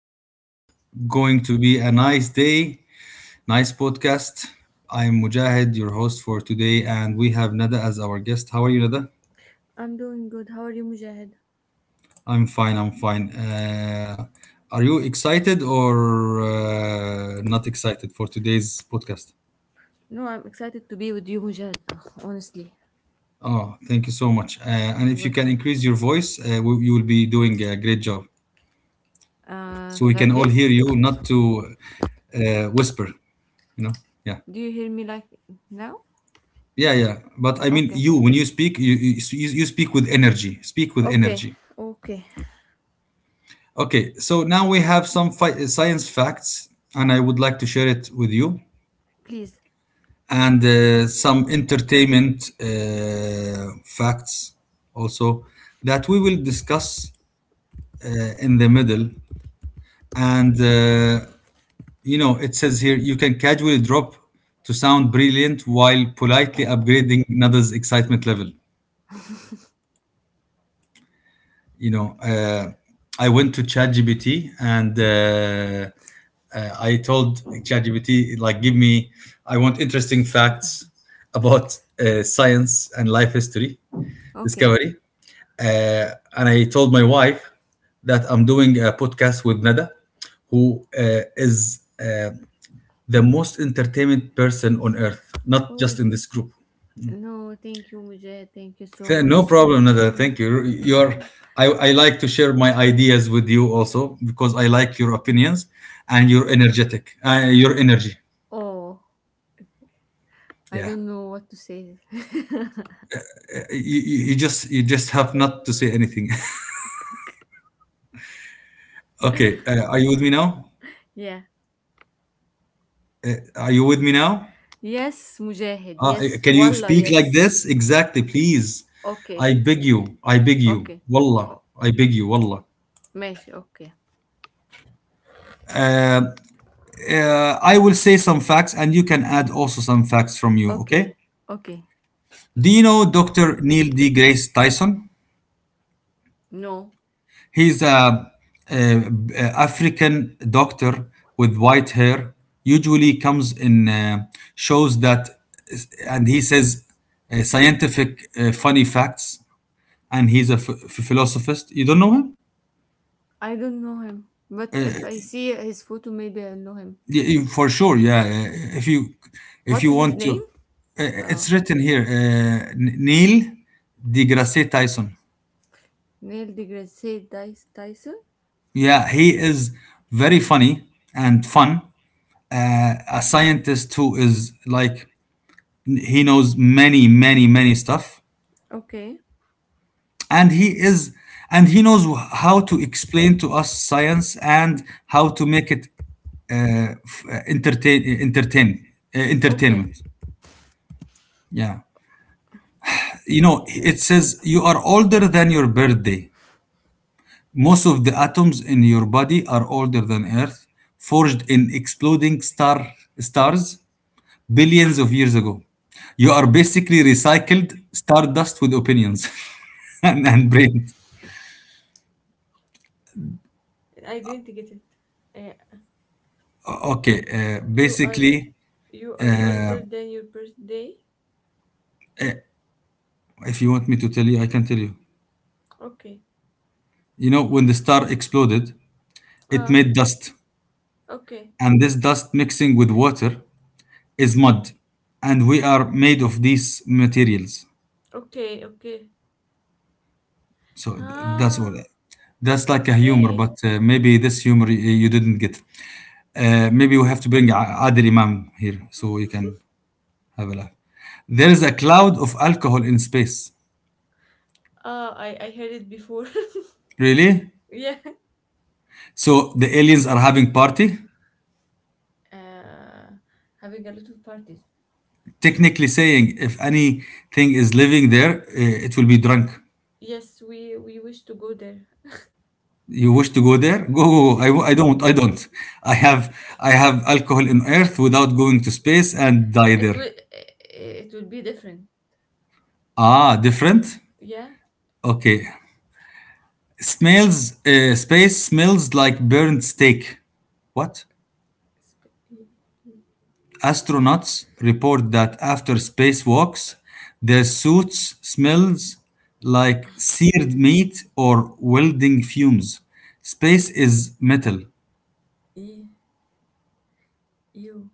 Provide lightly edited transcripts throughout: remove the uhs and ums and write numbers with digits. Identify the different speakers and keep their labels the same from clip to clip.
Speaker 1: is going to be a nice day, nice podcast. I am Mujahid, your host for today, and we have Nada as our guest. How are you, Nada?
Speaker 2: I'm doing good. How are you, Mujahid?
Speaker 1: I'm fine. I'm fine. Are you excited or not excited for today's podcast?
Speaker 2: No, I'm excited to be with you, Mujahid. Ugh, honestly,
Speaker 1: Oh, thank you so much. And if
Speaker 2: you're
Speaker 1: you can
Speaker 2: welcome.
Speaker 1: increase your voice, you will be doing a great job. So we can
Speaker 2: Like
Speaker 1: all hear
Speaker 2: this?
Speaker 1: you, not to whisper. You know? Yeah.
Speaker 2: Do you hear me like now?
Speaker 1: Yeah, yeah. But I mean,
Speaker 2: Okay.
Speaker 1: you when you speak, you speak with energy. Speak with
Speaker 2: Okay.
Speaker 1: energy.
Speaker 2: Okay.
Speaker 1: Okay. So now we have some science facts, and I would like to share it with you,
Speaker 2: Please.
Speaker 1: and some entertainment facts also that we will discuss in the middle. And you know, it says here you can casually drop to sound brilliant while politely upgrading another's excitement level. you know, uh, I went to ChatGPT and I told ChatGPT, like, give me, I want interesting facts about science and life history
Speaker 2: Okay.
Speaker 1: discovery. And I told my wife that I'm doing a podcast with Nada, who is the most entertainment person on earth, not
Speaker 2: Oh,
Speaker 1: just in this group.
Speaker 2: no, thank you, Mujahid. Thank you so much.
Speaker 1: No problem, Nada. Thank you. I like to share my ideas with you also because I like your opinions and your energetic, your energy.
Speaker 2: Oh, I
Speaker 1: Yeah.
Speaker 2: don't know what to say.
Speaker 1: You just have not to say anything. okay. Are you with me now?
Speaker 2: Yeah.
Speaker 1: Are you with me now?
Speaker 2: Yes, Mujahid.
Speaker 1: Uh,
Speaker 2: Yes.
Speaker 1: can you
Speaker 2: Wallah,
Speaker 1: speak like
Speaker 2: yes.
Speaker 1: this? Exactly, please.
Speaker 2: Okay.
Speaker 1: I beg you. I beg you.
Speaker 2: Okay.
Speaker 1: Wallah.
Speaker 2: Oh,
Speaker 1: I beg you. Wallah.
Speaker 2: ماشي. Okay.
Speaker 1: Uh, uh, I will say some facts and you can add also some facts from you. Okay.
Speaker 2: Okay. Okay.
Speaker 1: Do you know Dr. Neil deGrasse Tyson?
Speaker 2: No.
Speaker 1: He's a, a- a African doctor with white hair. Usually comes in shows that, and he says scientific funny facts. And he's a philosophist. You don't know him?
Speaker 2: I don't know him, but if I see his photo, maybe I know him.
Speaker 1: Yeah, for sure. Yeah. If you
Speaker 2: What is his
Speaker 1: want to,
Speaker 2: name?
Speaker 1: it's
Speaker 2: Oh,
Speaker 1: written here. Neil deGrasse Tyson.
Speaker 2: Neil deGrasse Tyson? No.
Speaker 1: Yeah, he is very funny and fun. A scientist who is like he knows many stuff
Speaker 2: Okay,
Speaker 1: and he is and he knows how to explain to us science and how to make it f- entertain uh, entertain
Speaker 2: okay.
Speaker 1: entertainment. Yeah. You know, it says you are older than your birthday. Most of the atoms in your body are older than earth, forged in exploding star stars billions of years ago. You are basically recycled stardust with opinions and brains.
Speaker 2: I didn't get it. Uh,
Speaker 1: Okay,
Speaker 2: you are
Speaker 1: basically,
Speaker 2: you are
Speaker 1: uh,
Speaker 2: older than your birthday.
Speaker 1: if you want me to tell you, I can tell you.
Speaker 2: Okay.
Speaker 1: You know, when the star exploded, it
Speaker 2: Ah.
Speaker 1: made dust,
Speaker 2: Okay.
Speaker 1: and this dust mixing with water is mud, and we are made of these materials.
Speaker 2: Okay. Okay.
Speaker 1: So that's all.
Speaker 2: Ah.
Speaker 1: That's like a humor,
Speaker 2: Okay.
Speaker 1: but maybe this humor you didn't get. Maybe we have to bring Adil Imam here so you can have a laugh. There is a cloud of alcohol in space.
Speaker 2: Ah. I heard it before.
Speaker 1: Really?
Speaker 2: Yeah.
Speaker 1: So the aliens are having party?
Speaker 2: Uh, Having a lot of parties.
Speaker 1: Technically saying, if anything is living there, it will be drunk.
Speaker 2: Yes, we wish to go there.
Speaker 1: You wish to go there? Go, go, go. I don't. I don't. I have alcohol in Earth without going to space and die
Speaker 2: It
Speaker 1: there.
Speaker 2: will eh, it will be different.
Speaker 1: Ah, different.
Speaker 2: Yeah.
Speaker 1: Okay. Smells. Space smells like burnt steak. What?
Speaker 2: Sp- e-
Speaker 1: Astronauts report that after spacewalks, their suits smells like seared meat or welding fumes. Space is metal.
Speaker 2: e- you.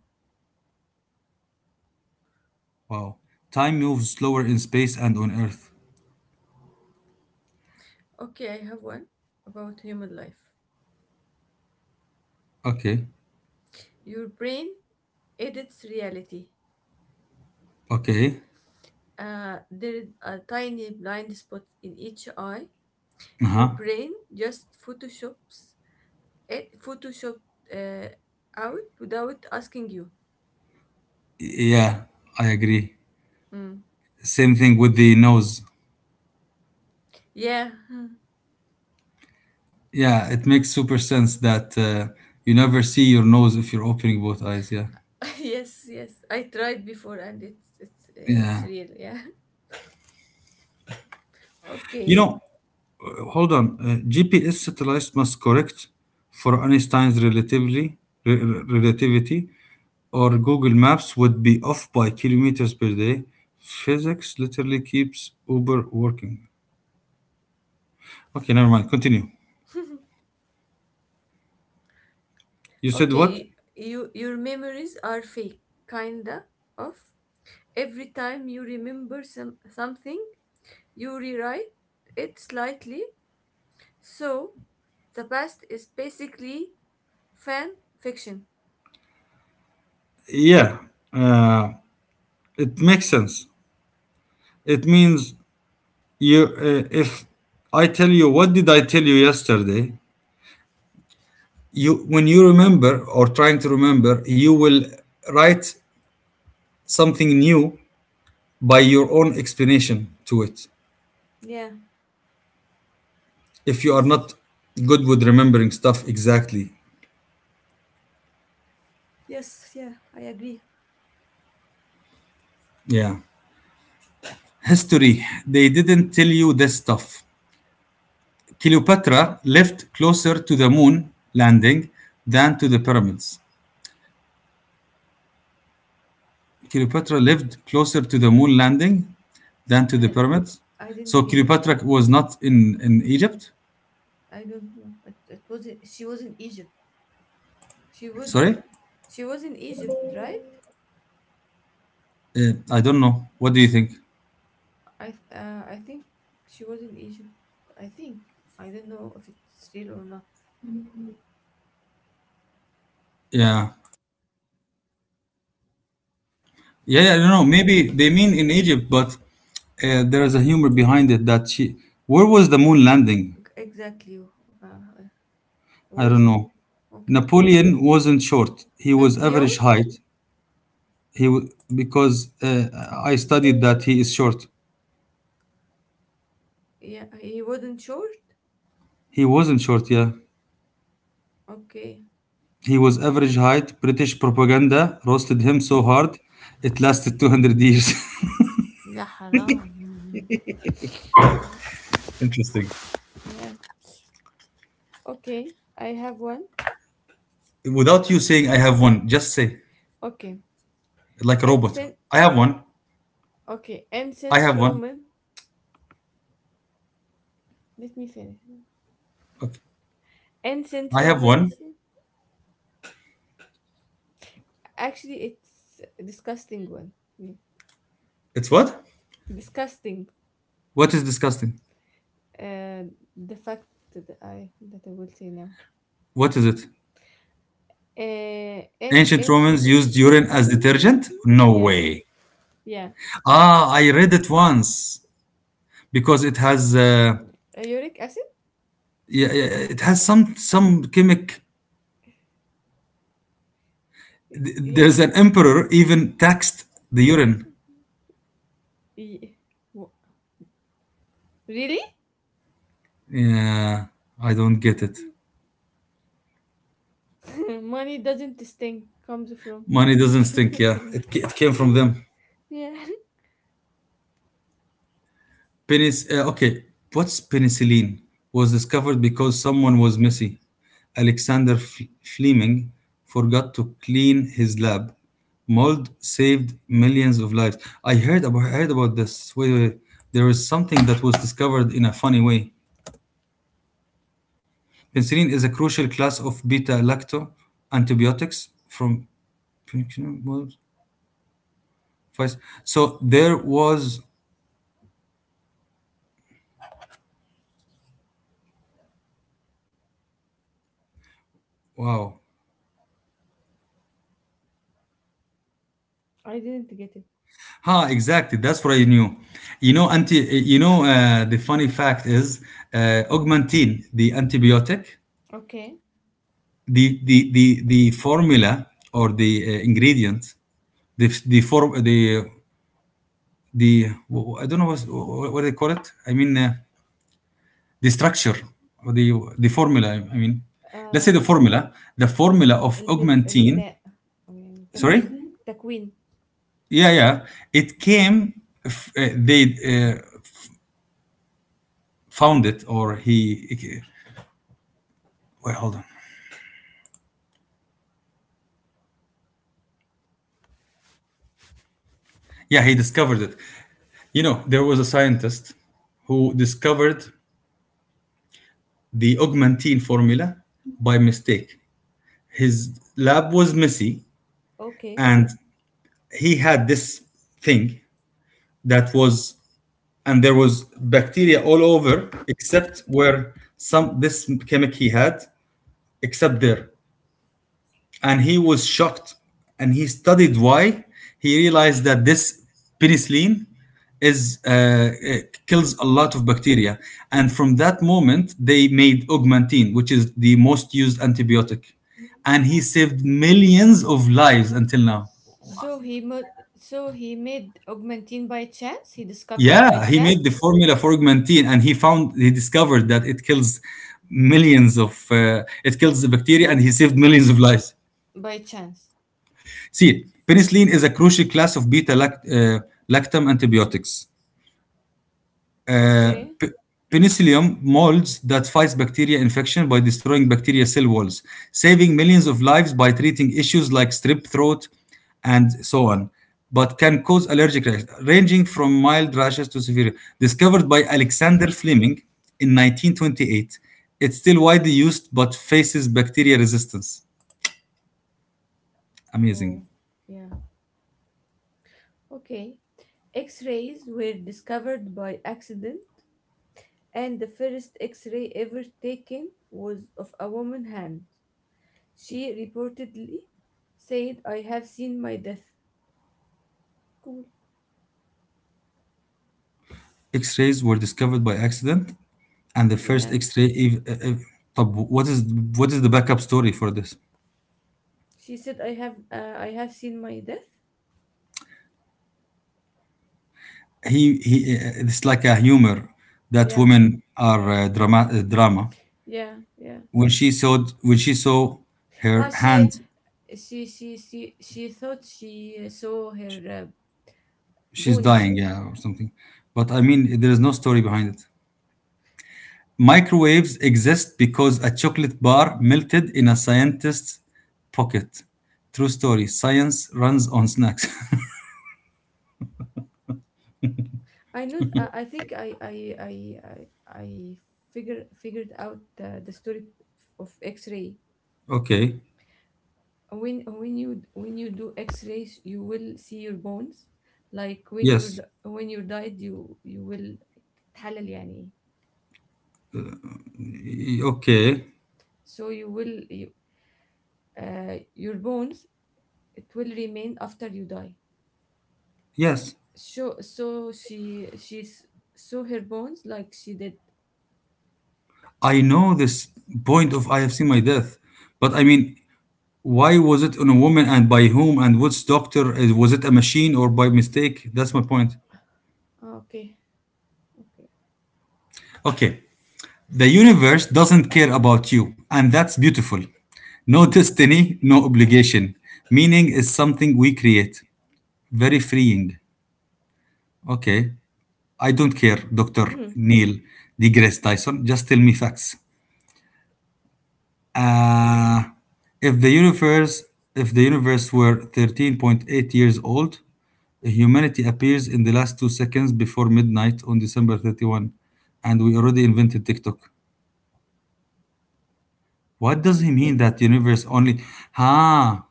Speaker 1: Wow. Time moves slower in space and on Earth.
Speaker 2: Okay, I have one about human life.
Speaker 1: Okay.
Speaker 2: Your brain edits reality.
Speaker 1: Okay.
Speaker 2: There is a tiny blind spot in each eye.
Speaker 1: Uh
Speaker 2: Your
Speaker 1: huh.
Speaker 2: brain just photoshops it, photoshop uh, out without asking you.
Speaker 1: Yeah, I agree.
Speaker 2: Mm.
Speaker 1: Same thing with the nose.
Speaker 2: Yeah.
Speaker 1: Yeah, it makes super sense that you never see your nose if you're opening both eyes. Yeah.
Speaker 2: Yes. Yes. I tried before, and it's
Speaker 1: Yeah.
Speaker 2: real. Yeah.
Speaker 1: You
Speaker 2: Okay.
Speaker 1: know, hold on. GPS satellites must correct for Einstein's relativity, or Google Maps would be off by kilometers per day. Physics literally keeps Uber working. Okay, never mind. Continue. You said what?
Speaker 2: Okay. Your memories are fake, kinda of. Every time you remember something, you rewrite it slightly. So the past is basically fan fiction.
Speaker 1: Yeah, uh, it makes sense. It means you. If I tell you what did I tell you yesterday, you when you remember or trying to remember, you will write something new by your own explanation to it
Speaker 2: Yeah,
Speaker 1: if you are
Speaker 2: yes,
Speaker 1: not good with remembering stuff exactly.
Speaker 2: yes, yeah, I agree.
Speaker 1: Yeah. History, they didn't tell you this stuff. Cleopatra lived closer to the moon landing than to the pyramids. Cleopatra lived closer to the moon landing than to the
Speaker 2: I,
Speaker 1: pyramids.
Speaker 2: I didn't
Speaker 1: So
Speaker 2: get it.
Speaker 1: Cleopatra was not in Egypt.
Speaker 2: I don't know. It was She was in Egypt. She was
Speaker 1: Sorry.
Speaker 2: she was in Egypt, right?
Speaker 1: I don't know, what do you think?
Speaker 2: I think she was in Egypt. I think. I don't know if it's real or not.
Speaker 1: Yeah. Yeah, yeah, I don't know. Maybe they mean in Egypt, but there is a humor behind it that she. Where was the moon landing?
Speaker 2: Exactly. Uh,
Speaker 1: I
Speaker 2: Where's
Speaker 1: don't
Speaker 2: it?
Speaker 1: know.
Speaker 2: Okay.
Speaker 1: Napoleon wasn't short. He was
Speaker 2: Napoleon.
Speaker 1: average height. He wa- because I studied that he is short.
Speaker 2: Yeah, he wasn't short?
Speaker 1: He wasn't short. Yeah,
Speaker 2: Okay.
Speaker 1: he was average height. British propaganda roasted him so hard, it lasted 200 years.
Speaker 2: لا حرام. Mm,
Speaker 1: Interesting.
Speaker 2: yeah. Okay, I have one.
Speaker 1: Without you saying, I have one. Just say
Speaker 2: Okay.
Speaker 1: like a robot.
Speaker 2: Ancient.
Speaker 1: I have one.
Speaker 2: Okay,
Speaker 1: I
Speaker 2: Ancient
Speaker 1: have one.
Speaker 2: Roman. Let me finish.
Speaker 1: Okay.
Speaker 2: Ancient
Speaker 1: I have one.
Speaker 2: Romans. Actually, it's a disgusting one. Yeah.
Speaker 1: It's what?
Speaker 2: Disgusting.
Speaker 1: What is disgusting?
Speaker 2: Uh the fact that I will say now.
Speaker 1: What is it?
Speaker 2: An
Speaker 1: Ancient
Speaker 2: ancient.
Speaker 1: Romans used urine as detergent? No
Speaker 2: Yes.
Speaker 1: way.
Speaker 2: Yeah.
Speaker 1: Ah, I read it once because it has
Speaker 2: Uric acid?
Speaker 1: yeah, yeah, it has some chemic.
Speaker 2: Yeah.
Speaker 1: There's an emperor even taxed the urine.
Speaker 2: Ye- Really?
Speaker 1: Yeah, I don't get it.
Speaker 2: Money doesn't stink comes from.
Speaker 1: Money doesn't stink. Yeah, it came from them.
Speaker 2: Yeah.
Speaker 1: Okay, what's penicillin? Was discovered because someone was messy. Alexander Fleming forgot to clean his lab. Mold saved millions of lives. I heard about Heard about this. Wait, wait, wait. There is something that was discovered in a funny way. Penicillin is a crucial class of beta-lacto antibiotics from so there was wow.
Speaker 2: I didn't get it.
Speaker 1: Huh, exactly. That's what I knew. You know, anti. You know, the funny fact is, augmentin, the antibiotic,
Speaker 2: Okay.
Speaker 1: the formula or the ingredient, the form, the I don't know what they call it. I mean, the structure or the formula. I mean, let's say the
Speaker 2: آه
Speaker 1: formula. The formula of
Speaker 2: البن
Speaker 1: augmentin.
Speaker 2: البناء أو يعني
Speaker 1: Sorry.
Speaker 2: تكوين تكوين.
Speaker 1: Yeah, yeah. It came. They uh, found it, or he. Wait, hold on. Yeah, he discovered it. You know, there was a scientist who discovered the augmentine formula by mistake. His lab was messy,
Speaker 2: Okay,
Speaker 1: and he had this thing that was, and there was bacteria all over except where some this chemic he had, except there. And he was shocked and he studied why. He realized that this penicillin is it kills a lot of bacteria, and from that moment they made augmentin, which is the most used antibiotic, and he saved millions of lives until now.
Speaker 2: so he made augmentine by chance. He discovered by
Speaker 1: Yeah, he made the
Speaker 2: chance.
Speaker 1: formula for augmentin and he discovered that it kills millions of it kills the bacteria and he saved millions of lives.
Speaker 2: by chance
Speaker 1: See, penicillin is a crucial class of beta uh, lactam antibiotics. Uh,
Speaker 2: okay.
Speaker 1: pe- Penicillium molds that fights bacteria infection by destroying bacteria cell walls, saving millions of lives by treating issues like strep throat and so on, but can cause allergic reactions ranging from mild rashes to severe. Discovered by Alexander Fleming in 1928, it's still widely used but faces bacteria resistance. Amazing.
Speaker 2: Oh, yeah. Okay. X-rays were discovered by accident, and the first x-ray ever taken was of a woman hand. She reportedly said, "I have seen my death." Cool.
Speaker 1: X-rays were discovered by accident, and the first
Speaker 2: Yeah.
Speaker 1: X-ray. Ev- eh, eh, طب what is the backup story for this?
Speaker 2: She said, "I have seen my death."
Speaker 1: It's like a humor that
Speaker 2: Yeah.
Speaker 1: women are drama.
Speaker 2: Yeah. Yeah.
Speaker 1: When she saw her
Speaker 2: Ah,
Speaker 1: hand,
Speaker 2: she thought she saw her
Speaker 1: she's
Speaker 2: bones.
Speaker 1: dying, yeah, or something. But I mean, there is no story behind it. Microwaves exist because a chocolate bar melted in a scientist's pocket. True story. Science runs on snacks.
Speaker 2: I know. I think I, I figure figured out the story of X-ray.
Speaker 1: okay.
Speaker 2: When you do X-rays, you will see your bones. Like when you're
Speaker 1: Yes.
Speaker 2: d- when you died, you will تحلل يعني.
Speaker 1: Okay.
Speaker 2: So you will. You, your bones, it will remain after you die.
Speaker 1: Yes.
Speaker 2: So she she's saw her bones, like she did.
Speaker 1: I know this point of I have seen my death, but I mean, why was it on a woman and by whom and which doctor? Was it a machine or by mistake? That's my point.
Speaker 2: Okay. Okay.
Speaker 1: Okay. The universe doesn't care about you, and that's beautiful. No destiny, no obligation. Meaning is something we create. Very freeing. Okay. I don't care, Dr.
Speaker 2: Hmm.
Speaker 1: Neil deGrasse Tyson. Just tell me facts. Uh, if the universe were 13.8 years old, humanity appears in the last 2 seconds before midnight on December 31, and we already invented TikTok. What does
Speaker 2: Hmm.
Speaker 1: he mean that universe only? Ah,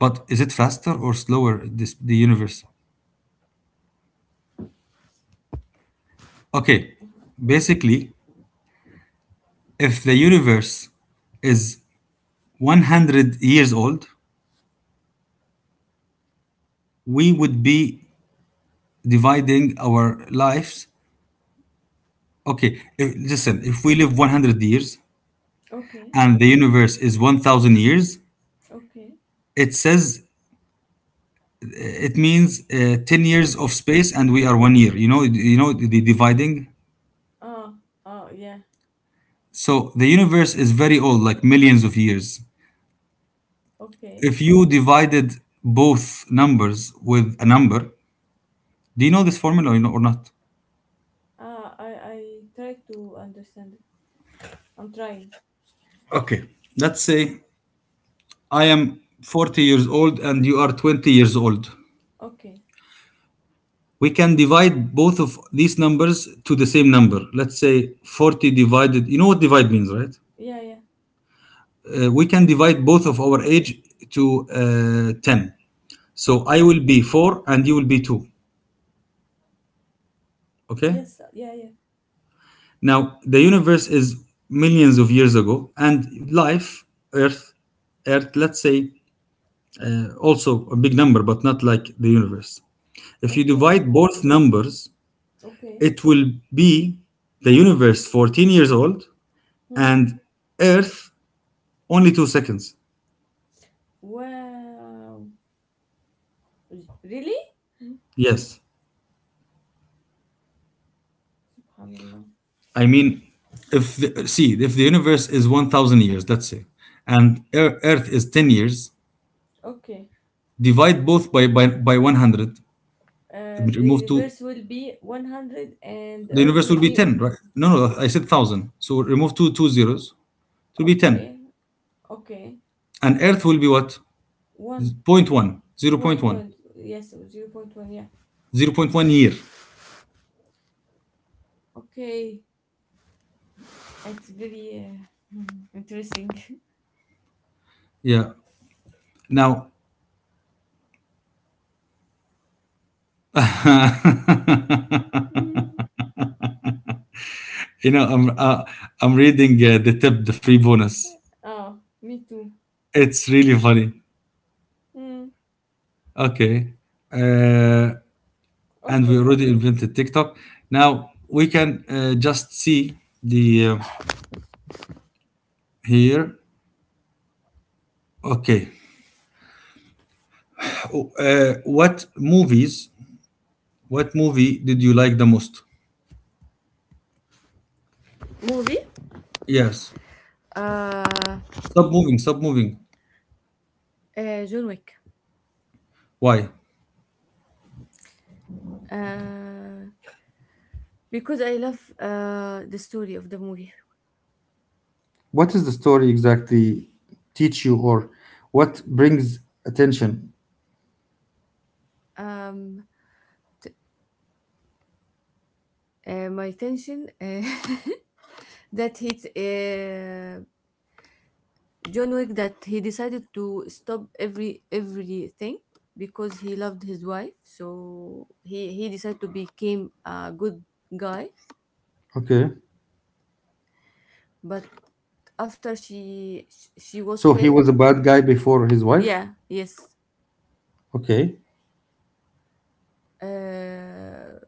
Speaker 1: but is it faster or slower? This the universe. Okay,
Speaker 2: Um,
Speaker 1: basically, if the universe is 100 years old, we would be dividing our lives. Okay, if, listen, if we live 100 years
Speaker 2: okay.
Speaker 1: and the universe is 1000 years,
Speaker 2: Okay.
Speaker 1: it says it means 10 years of space and we are 1 year. You know the dividing.
Speaker 2: Ah, ah, yeah.
Speaker 1: So the universe is very old, like millions of years.
Speaker 2: Okay.
Speaker 1: If you divided both numbers with a number, do you know this formula or not?
Speaker 2: Ah. I try to understand it. I'm trying.
Speaker 1: Okay, let's say I am 40 years old and you are 20 years old.
Speaker 2: Okay.
Speaker 1: We can divide both of these numbers to the same number. Let's say 40 divided, you know what divide means, right?
Speaker 2: Yeah, yeah,
Speaker 1: We can divide both of our age to 10. So I will be 4 and you will be 2. Okay?
Speaker 2: yes, yeah, yeah.
Speaker 1: Now, the universe is millions of years ago, and life, Earth, Earth, let's say also a big number, but not like the universe. If you
Speaker 2: Okay,
Speaker 1: divide both numbers,
Speaker 2: okay.
Speaker 1: it will be the universe 14 years old
Speaker 2: Hmm.
Speaker 1: and Earth only 2 seconds.
Speaker 2: Wow, really. Hmm.
Speaker 1: Yes,
Speaker 2: Subhanallah.
Speaker 1: I mean, if the, see if the universe is 1,000 years, let's say, and Earth is 10 years,
Speaker 2: Okay,
Speaker 1: divide both by 100,
Speaker 2: the
Speaker 1: remove two,
Speaker 2: universe will be 100, and the
Speaker 1: the
Speaker 2: earth
Speaker 1: universe
Speaker 2: will
Speaker 1: will be
Speaker 2: be.
Speaker 1: ten, right? No, no, I said thousand, so remove two zeros, it will be
Speaker 2: Okay,
Speaker 1: ten,
Speaker 2: okay,
Speaker 1: and Earth will be what? Point one,
Speaker 2: 1.1. Yes, zero point 0.1. Yeah.
Speaker 1: 0.1 year.
Speaker 2: Okay, it's very, uh, interesting.
Speaker 1: Yeah. Now you know I'm reading the tip, the free bonus.
Speaker 2: Oh, me too.
Speaker 1: It's really funny.
Speaker 2: Hmm.
Speaker 1: Okay. Uh, and we
Speaker 2: Okay.
Speaker 1: already invented TikTok. Now we can just see the here. Okay. Oh, what movies? What movie did you like the most?
Speaker 2: Movie.
Speaker 1: Yes.
Speaker 2: uh,
Speaker 1: Stop moving. Stop moving.
Speaker 2: John Wick.
Speaker 1: Why?
Speaker 2: uh because I love the story of the movie.
Speaker 1: What does the story exactly teach you, or what brings attention?
Speaker 2: um my tension, that hit, John Wick, that he decided to stop everything because he loved his wife, so he decided to become a good guy.
Speaker 1: Okay.
Speaker 2: But after she was
Speaker 1: So he
Speaker 2: killed.
Speaker 1: was a bad guy before his wife.
Speaker 2: Yeah, yes.
Speaker 1: Okay.
Speaker 2: Uh,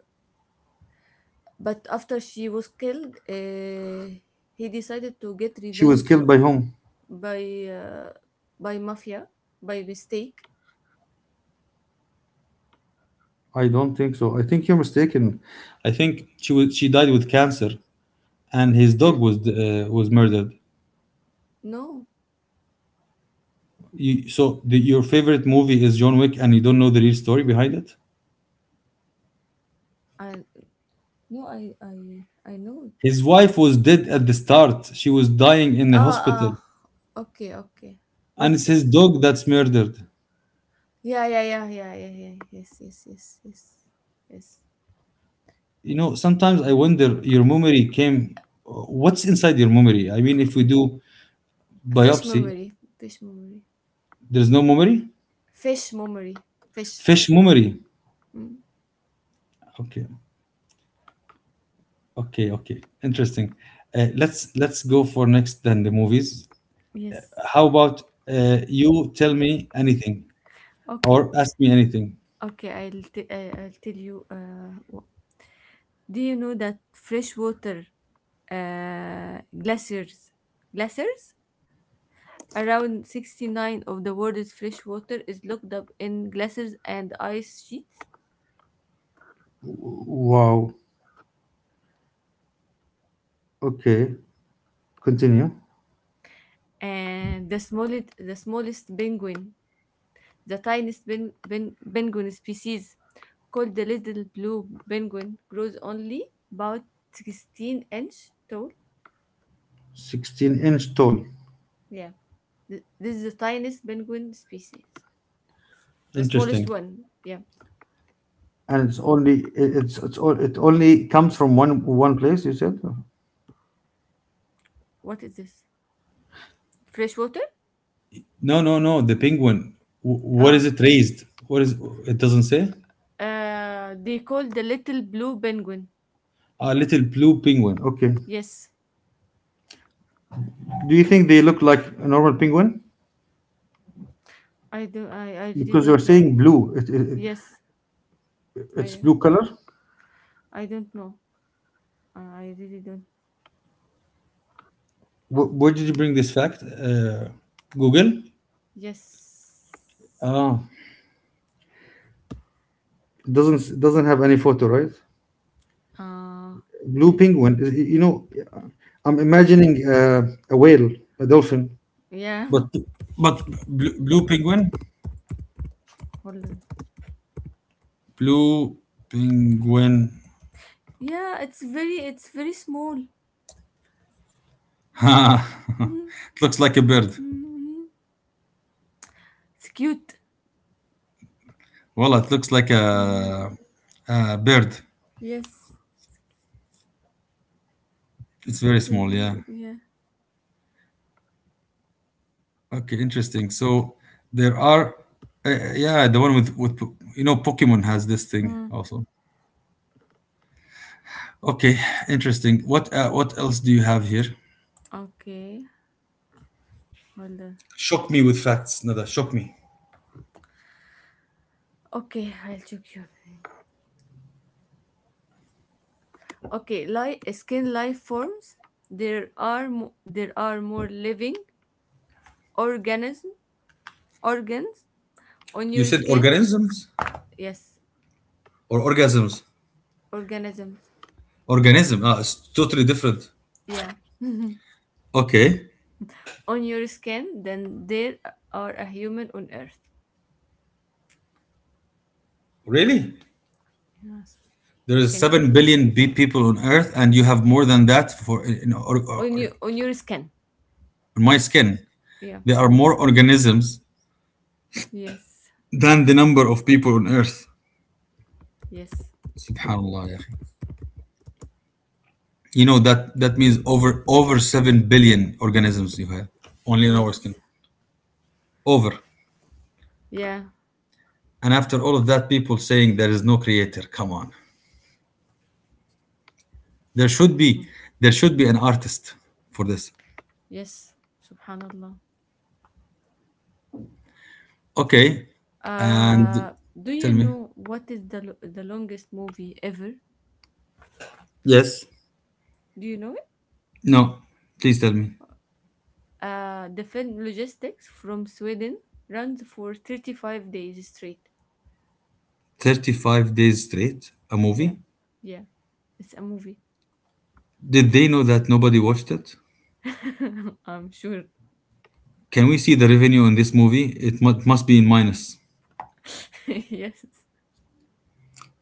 Speaker 2: but after she was killed, he decided to get
Speaker 1: She was
Speaker 2: revenge
Speaker 1: killed
Speaker 2: from.
Speaker 1: by whom?
Speaker 2: by uh, by mafia, by mistake.
Speaker 1: I don't think so. I think you're mistaken. I think she died with cancer, and his dog
Speaker 2: Uh,
Speaker 1: was was murdered.
Speaker 2: no,
Speaker 1: You, your favorite movie is John Wick, and you don't know the real story behind it.
Speaker 2: I I know.
Speaker 1: His wife was dead at the start. She was dying in the
Speaker 2: Ah, ah.
Speaker 1: hospital,
Speaker 2: Okay, okay.
Speaker 1: and
Speaker 2: But
Speaker 1: it's
Speaker 2: sh-
Speaker 1: his dog that's murdered.
Speaker 2: yeah, yeah, yeah, yeah, yeah, yeah. Yes, yes, yes, yes, yes.
Speaker 1: You know, sometimes I wonder your memory came. What's inside your memory? I mean, if we do
Speaker 2: Fish
Speaker 1: biopsy,
Speaker 2: memory, fish memory,
Speaker 1: there's no memory.
Speaker 2: fish memory, fish.
Speaker 1: Fish memory.
Speaker 2: Mm.
Speaker 1: Okay. Okay, okay, interesting. Let's go for next then the movies.
Speaker 2: Yes.
Speaker 1: How about you tell me anything
Speaker 2: Okay,
Speaker 1: or ask me anything?
Speaker 2: okay. I'll tell you. Do you know that freshwater, uh, glaciers glaciers, around 69 of the world's freshwater is locked up in glaciers and ice sheets,
Speaker 1: Wow. Okay. Continue.
Speaker 2: and the smallest penguin. The tiniest penguin species, called the little blue penguin, grows only about 16-inch tall.
Speaker 1: 16-inch tall.
Speaker 2: Yeah. This is the tiniest penguin species, the smallest
Speaker 1: Interesting.
Speaker 2: one. Yeah.
Speaker 1: And it's only it- it's all it only comes from one place, you said?
Speaker 2: What is this? Freshwater?
Speaker 1: No, no, no. The penguin. What is
Speaker 2: Ah,
Speaker 1: it raised? What is it? Doesn't say.
Speaker 2: they call the little blue penguin.
Speaker 1: A little blue penguin. Okay.
Speaker 2: Yes,
Speaker 1: Do you think they look like a normal penguin?
Speaker 2: I do. I really
Speaker 1: Because you're
Speaker 2: don't know.
Speaker 1: saying blue.
Speaker 2: Yes.
Speaker 1: It's
Speaker 2: I
Speaker 1: blue color.
Speaker 2: I don't know. I really don't.
Speaker 1: Where did you bring this fact? Google.
Speaker 2: Yes.
Speaker 1: Ah, it doesn't have any photo, right?
Speaker 2: Uh,
Speaker 1: Blue
Speaker 2: let,
Speaker 1: penguin. You know, I'm imagining a whale, a dolphin.
Speaker 2: yeah.
Speaker 1: But blue, blue penguin,
Speaker 2: Hold on.
Speaker 1: blue penguin.
Speaker 2: Yeah, it's very small.
Speaker 1: It
Speaker 2: Mm,
Speaker 1: looks like a bird.
Speaker 2: mm, mm. It's cute.
Speaker 1: Well, it looks like
Speaker 2: Yeah.
Speaker 1: a bird.
Speaker 2: Yes.
Speaker 1: It's very
Speaker 2: It's,
Speaker 1: small. Yeah.
Speaker 2: yeah.
Speaker 1: Okay, interesting. So there are, yeah, the one with you know Pokemon has this thing
Speaker 2: Hmm.
Speaker 1: also. Okay, interesting. What else do you have here?
Speaker 2: Okay. Hold on.
Speaker 1: Shock me with facts, Nada. Shock me.
Speaker 2: Okay, I'll check you. Okay, like skin life forms. There are more living organism organs on
Speaker 1: You
Speaker 2: your
Speaker 1: said
Speaker 2: skin.
Speaker 1: organisms
Speaker 2: Yes,
Speaker 1: or orgasms?
Speaker 2: organisms.
Speaker 1: Organism. Ah, it's totally different.
Speaker 2: Yeah,
Speaker 1: Okay.
Speaker 2: on your skin than there are a human on Earth.
Speaker 1: Really?
Speaker 2: Yes.
Speaker 1: There is
Speaker 2: Can
Speaker 1: seven
Speaker 2: you?
Speaker 1: billion people on Earth, and you have
Speaker 2: Yeah.
Speaker 1: more than that for in,
Speaker 2: On
Speaker 1: or-
Speaker 2: your skin.
Speaker 1: on my skin.
Speaker 2: Yeah.
Speaker 1: There are more organisms
Speaker 2: Yes.
Speaker 1: than the number of people on Earth.
Speaker 2: Yes.
Speaker 1: Subhanallah, ya. You know that that means over 7 billion organisms you have only in our skin.
Speaker 2: Yes.
Speaker 1: Over.
Speaker 2: Yeah.
Speaker 1: And after all of that, people saying there is no creator. Come on. There should be there should be an artist for this.
Speaker 2: Yes. Subhanallah.
Speaker 1: Okay. And
Speaker 2: Uh, do
Speaker 1: tell
Speaker 2: you
Speaker 1: me.
Speaker 2: know what is the longest movie ever?
Speaker 1: Yes.
Speaker 2: Do you know it?
Speaker 1: No. Please tell me.
Speaker 2: The film Logistics from Sweden runs for 35 days straight.
Speaker 1: 35 days straight, a
Speaker 2: Yeah.
Speaker 1: movie?
Speaker 2: Yeah. It's a movie.
Speaker 1: Did they know that nobody watched it?
Speaker 2: I'm sure.
Speaker 1: Can we see the revenue in this movie? Must be in minus.
Speaker 2: Yes.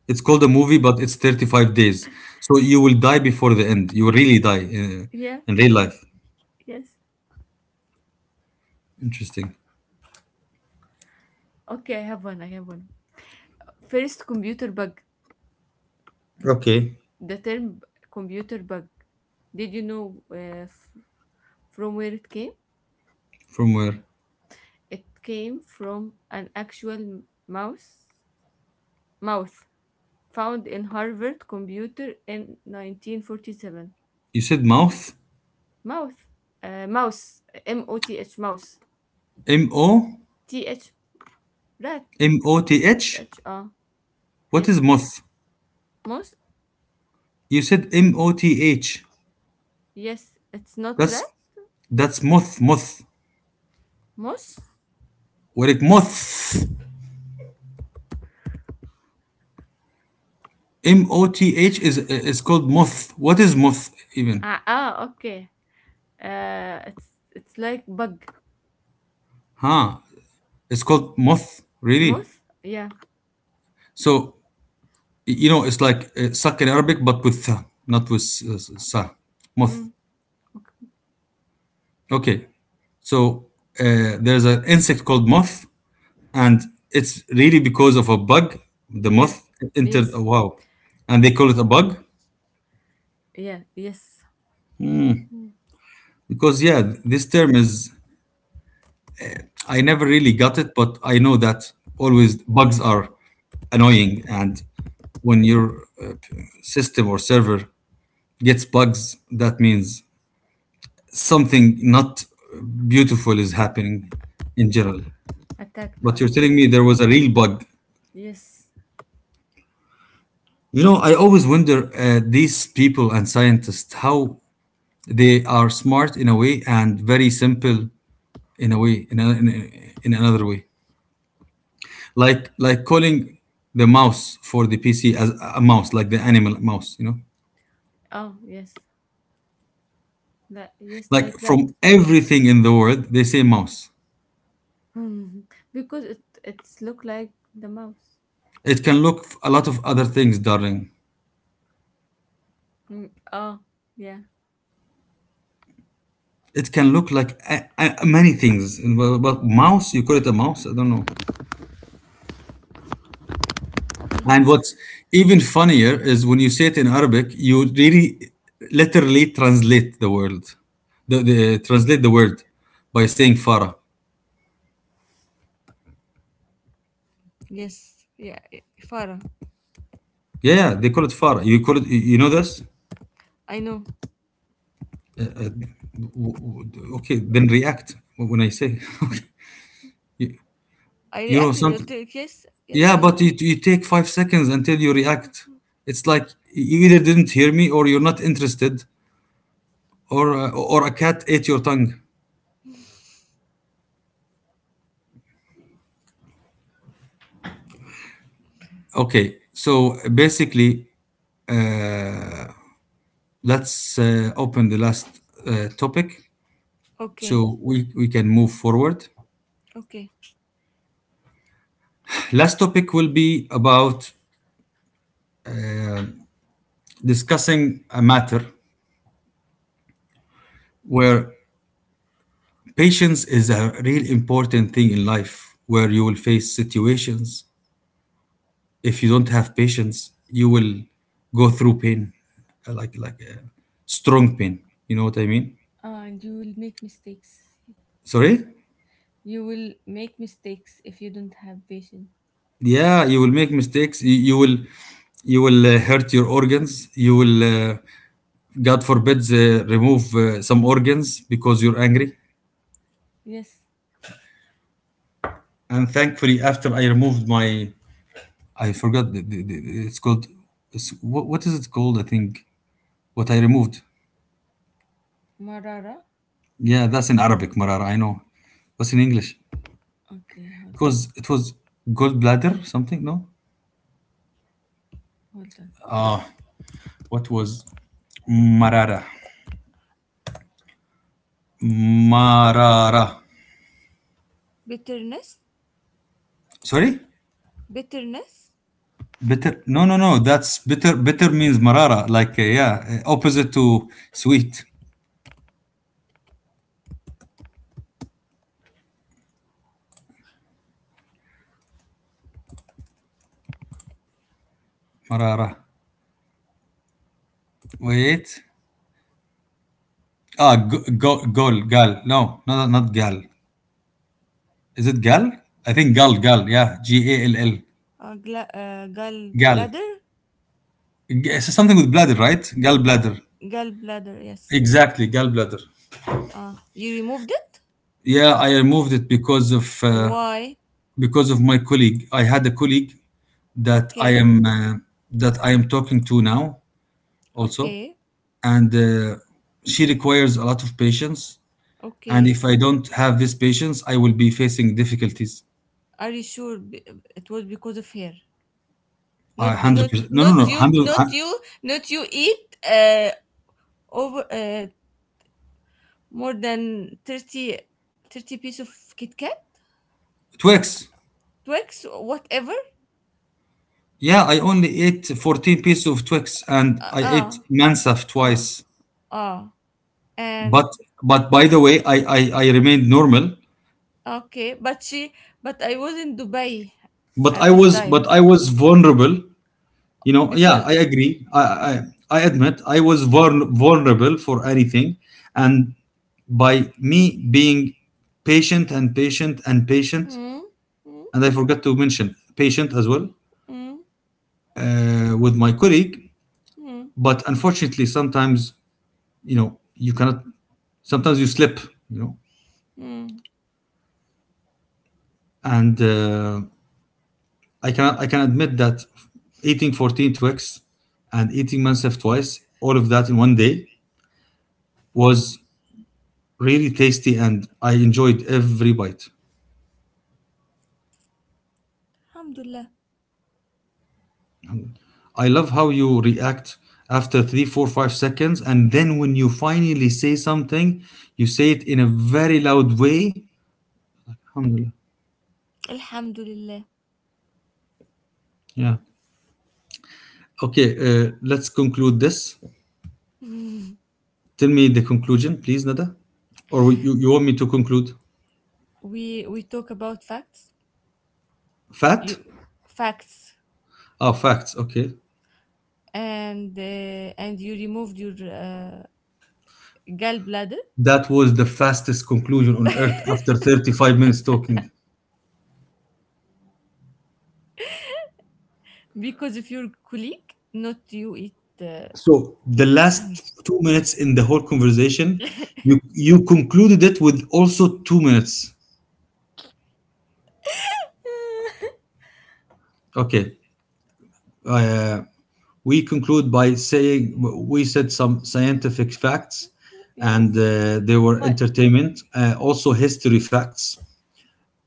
Speaker 1: It's called a movie, but it's 35 days. So you will die before the end. You will really die
Speaker 2: Yeah.
Speaker 1: in real life.
Speaker 2: Yes.
Speaker 1: Interesting.
Speaker 2: Okay, I have one. I have one. First computer bug.
Speaker 1: Okay.
Speaker 2: The term computer bug. Did you know, from where it came?
Speaker 1: From where?
Speaker 2: It came from an actual mouse mouth found in Harvard computer in 1947.
Speaker 1: You said mouth?
Speaker 2: Mouth, mouse, moth, mouse,
Speaker 1: M O?
Speaker 2: T H, rat,
Speaker 1: M O T
Speaker 2: T
Speaker 1: H?
Speaker 2: H,
Speaker 1: What is
Speaker 2: yes,
Speaker 1: moth?
Speaker 2: mouse.
Speaker 1: You said moth.
Speaker 2: Yes, it's not rat
Speaker 1: That's moth, moth.
Speaker 2: mouse.
Speaker 1: What it moth? M O T H is called moth. What is moth even?
Speaker 2: Ah, ah. Okay. uh it's it's like bug.
Speaker 1: Huh? It's called moth, really?
Speaker 2: Mouse. Yeah.
Speaker 1: So you know, it's like suck in Arabic, but with tha, not with sa, moth.
Speaker 2: Mm. Okay.
Speaker 1: Okay, so there's an insect called moth, and it's really because of a bug. The
Speaker 2: Yeah,
Speaker 1: moth entered. Oh,
Speaker 2: yes,
Speaker 1: wow, and they call it a bug
Speaker 2: yeah, yes. Mm.
Speaker 1: because yeah, this term is. I never really got it, but I know that always bugs are annoying, and when your system or server gets bugs, that means something not beautiful is happening in general.
Speaker 2: Attack the
Speaker 1: But you're
Speaker 2: onion.
Speaker 1: telling me there
Speaker 2: Hmm.
Speaker 1: was a real bug.
Speaker 2: Yes.
Speaker 1: You know, I always wonder these people and scientists how they are smart in a way and very simple in a way in another way. Like calling the mouse for the PC as a mouse, like the animal mouse. You know,
Speaker 2: Oh, yes, that. Yes,
Speaker 1: like
Speaker 2: like that.
Speaker 1: from everything in the world they say mouse.
Speaker 2: Because it's look like the mouse.
Speaker 1: It can look a lot of other things, darling.
Speaker 2: Mm, oh, yeah.
Speaker 1: It can look like many things. And well, mouse, you call it a mouse? I don't know. And what's even funnier is when you say it in Arabic, you really literally translate the word, the word by saying Farah.
Speaker 2: Yes, yeah, yeah, Farah.
Speaker 1: Yeah, yeah, they call it Farah. You call it. You know this?
Speaker 2: I know.
Speaker 1: Okay, then react when I say. you,
Speaker 2: I
Speaker 1: you know
Speaker 2: reacted.
Speaker 1: something,
Speaker 2: Yes, yes,
Speaker 1: yeah,
Speaker 2: I
Speaker 1: but you,
Speaker 2: know.
Speaker 1: you take 5 seconds until you react.
Speaker 2: Oh.
Speaker 1: It's like you either didn't hear me or you're not interested, or a cat ate your tongue. Okay, so basically uh, let's open the last topic
Speaker 2: Okay,
Speaker 1: so we can move forward.
Speaker 2: okay.
Speaker 1: Last topic will be about discussing a matter where patience is a real important thing in life, where you will face situations. If you don't have patience, you will go through pain, like strong pain, you know what I mean.
Speaker 2: And you will make mistakes.
Speaker 1: Sorry.
Speaker 2: You will make mistakes if you don't have patience.
Speaker 1: Yeah, you will make mistakes, you will, you will hurt your organs. You will god forbid remove some organs because you're angry.
Speaker 2: Yes,
Speaker 1: And thankfully after I removed my, I forgot it's called, what is it called, I think, what I removed.
Speaker 2: Marara.
Speaker 1: Yeah, that's in Arabic marara, I know. What's in English?
Speaker 2: Okay, hold
Speaker 1: It
Speaker 2: on,
Speaker 1: was gallbladder something, no.
Speaker 2: hold on.
Speaker 1: What was marara? marara
Speaker 2: Bitterness,
Speaker 1: Sorry.
Speaker 2: bitterness.
Speaker 1: Bitter? No, no, no. That's bitter. Bitter means marara. Like yeah, opposite to sweet. Marara. Wait. Ah, gal. No, no, not gal. Is it gal? I think gal. Yeah, gall. Gal.
Speaker 2: Gallbladder.
Speaker 1: G- so something with bladder, right?
Speaker 2: uh,
Speaker 1: Gallbladder.
Speaker 2: Gallbladder. Yes.
Speaker 1: Exactly, gallbladder.
Speaker 2: You removed it?
Speaker 1: Yeah, I removed it
Speaker 2: Why?
Speaker 1: because of my colleague. I had a colleague that I
Speaker 2: Okay,
Speaker 1: am uh, that I am talking to now also,
Speaker 2: okay,
Speaker 1: and she requires a lot of patience, and
Speaker 2: okay.
Speaker 1: if I don't have this patience I will be facing difficulties.
Speaker 2: Are you sure, it was because of her?
Speaker 1: I 100% no, no,
Speaker 2: Not
Speaker 1: no,
Speaker 2: you,
Speaker 1: 100
Speaker 2: not you eat, over, more than thirty piece of Kit Kat,
Speaker 1: twix.
Speaker 2: Twix, whatever.
Speaker 1: Yeah, I only ate 14 pieces of twix and I ate
Speaker 2: Ah,
Speaker 1: mansaf
Speaker 2: ah,
Speaker 1: twice.
Speaker 2: ah, ah. And
Speaker 1: But by the way, I remained normal,
Speaker 2: okay, but I was in Dubai
Speaker 1: but
Speaker 2: at
Speaker 1: I
Speaker 2: this
Speaker 1: was, but
Speaker 2: time,
Speaker 1: I was vulnerable. You know, yeah,
Speaker 2: because.
Speaker 1: I agree. I admit I was vulnerable for anything. And by me being patient and patient and patient,
Speaker 2: Hmm, hmm,
Speaker 1: and I forgot to mention patient as well
Speaker 2: hmm,
Speaker 1: with my colleague.
Speaker 2: hmm,
Speaker 1: But unfortunately, sometimes, you know, you cannot, sometimes you slip, you know,
Speaker 2: hmm.
Speaker 1: and I can, I can admit that eating 14 Twix and eating Mansef twice, all of that in one day, was really tasty and I enjoyed every bite.
Speaker 2: Alhamdulillah.
Speaker 1: I love how you react after three, four, 5 seconds, and then when you finally say something, you say it in a very loud way. Alhamdulillah.
Speaker 2: Alhamdulillah.
Speaker 1: Yeah. Okay, let's conclude this. Tell me the conclusion, please, Nada. Or you want me to conclude?
Speaker 2: We talk about facts.
Speaker 1: Fat?
Speaker 2: You facts,
Speaker 1: Oh, facts. Okay.
Speaker 2: and you removed your, gallbladder
Speaker 1: That was the fastest conclusion on earth after 35 minutes talking.
Speaker 2: because of your colleague, not you. It, uh,
Speaker 1: So the last 2 minutes in the whole conversation, you concluded it with also 2 minutes. Okay, uh, we conclude by saying we said some scientific facts,
Speaker 2: yes.
Speaker 1: and they were
Speaker 2: For
Speaker 1: entertainment, also history facts,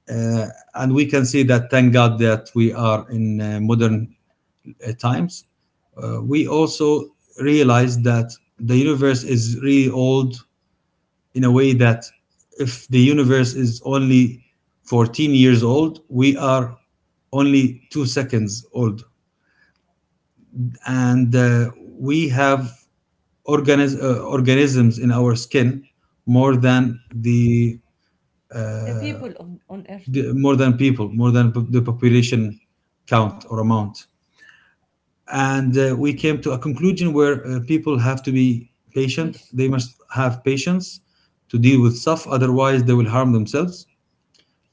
Speaker 1: uh, and we can see that thank God that we are in modern times. We also realized that the universe is really old in a way that if the universe is only 14 years old, we are only 2 seconds old. And we have organisms in our skin more than the,
Speaker 2: the
Speaker 1: uh,
Speaker 2: people on earth.
Speaker 1: more than people, more than the population count or amount. And we came to a conclusion where people have to be patient.
Speaker 2: Peace.
Speaker 1: They must have patience to deal with stuff, otherwise they will harm themselves,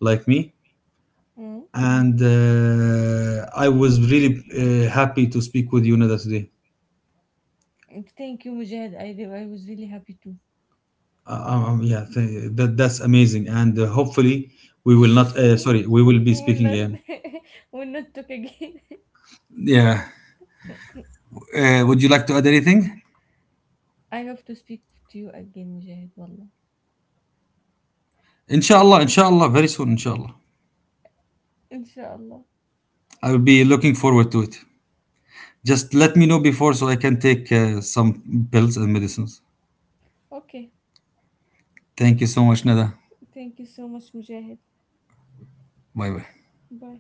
Speaker 1: like me.
Speaker 2: Mm.
Speaker 1: And I was really happy to speak with you, Nada, today.
Speaker 2: Thank you, Mujahid. I was really happy too.
Speaker 1: Yeah, that that's amazing, and hopefully we will not. Sorry, we will be
Speaker 2: We'll
Speaker 1: speaking
Speaker 2: not.
Speaker 1: again.
Speaker 2: We'll not talk again.
Speaker 1: Yeah. Would you like to add anything?
Speaker 2: I hope to speak to you again, Mujahid. Wallah.
Speaker 1: Inshallah, inshallah, very soon, inshallah.
Speaker 2: Inshallah.
Speaker 1: I will be looking forward to it. Just let me know before so I can take some pills and medicines.
Speaker 2: Okay.
Speaker 1: Thank you so much, Nada.
Speaker 2: Thank you so much, Mujahid.
Speaker 1: Bye bye.
Speaker 2: Bye.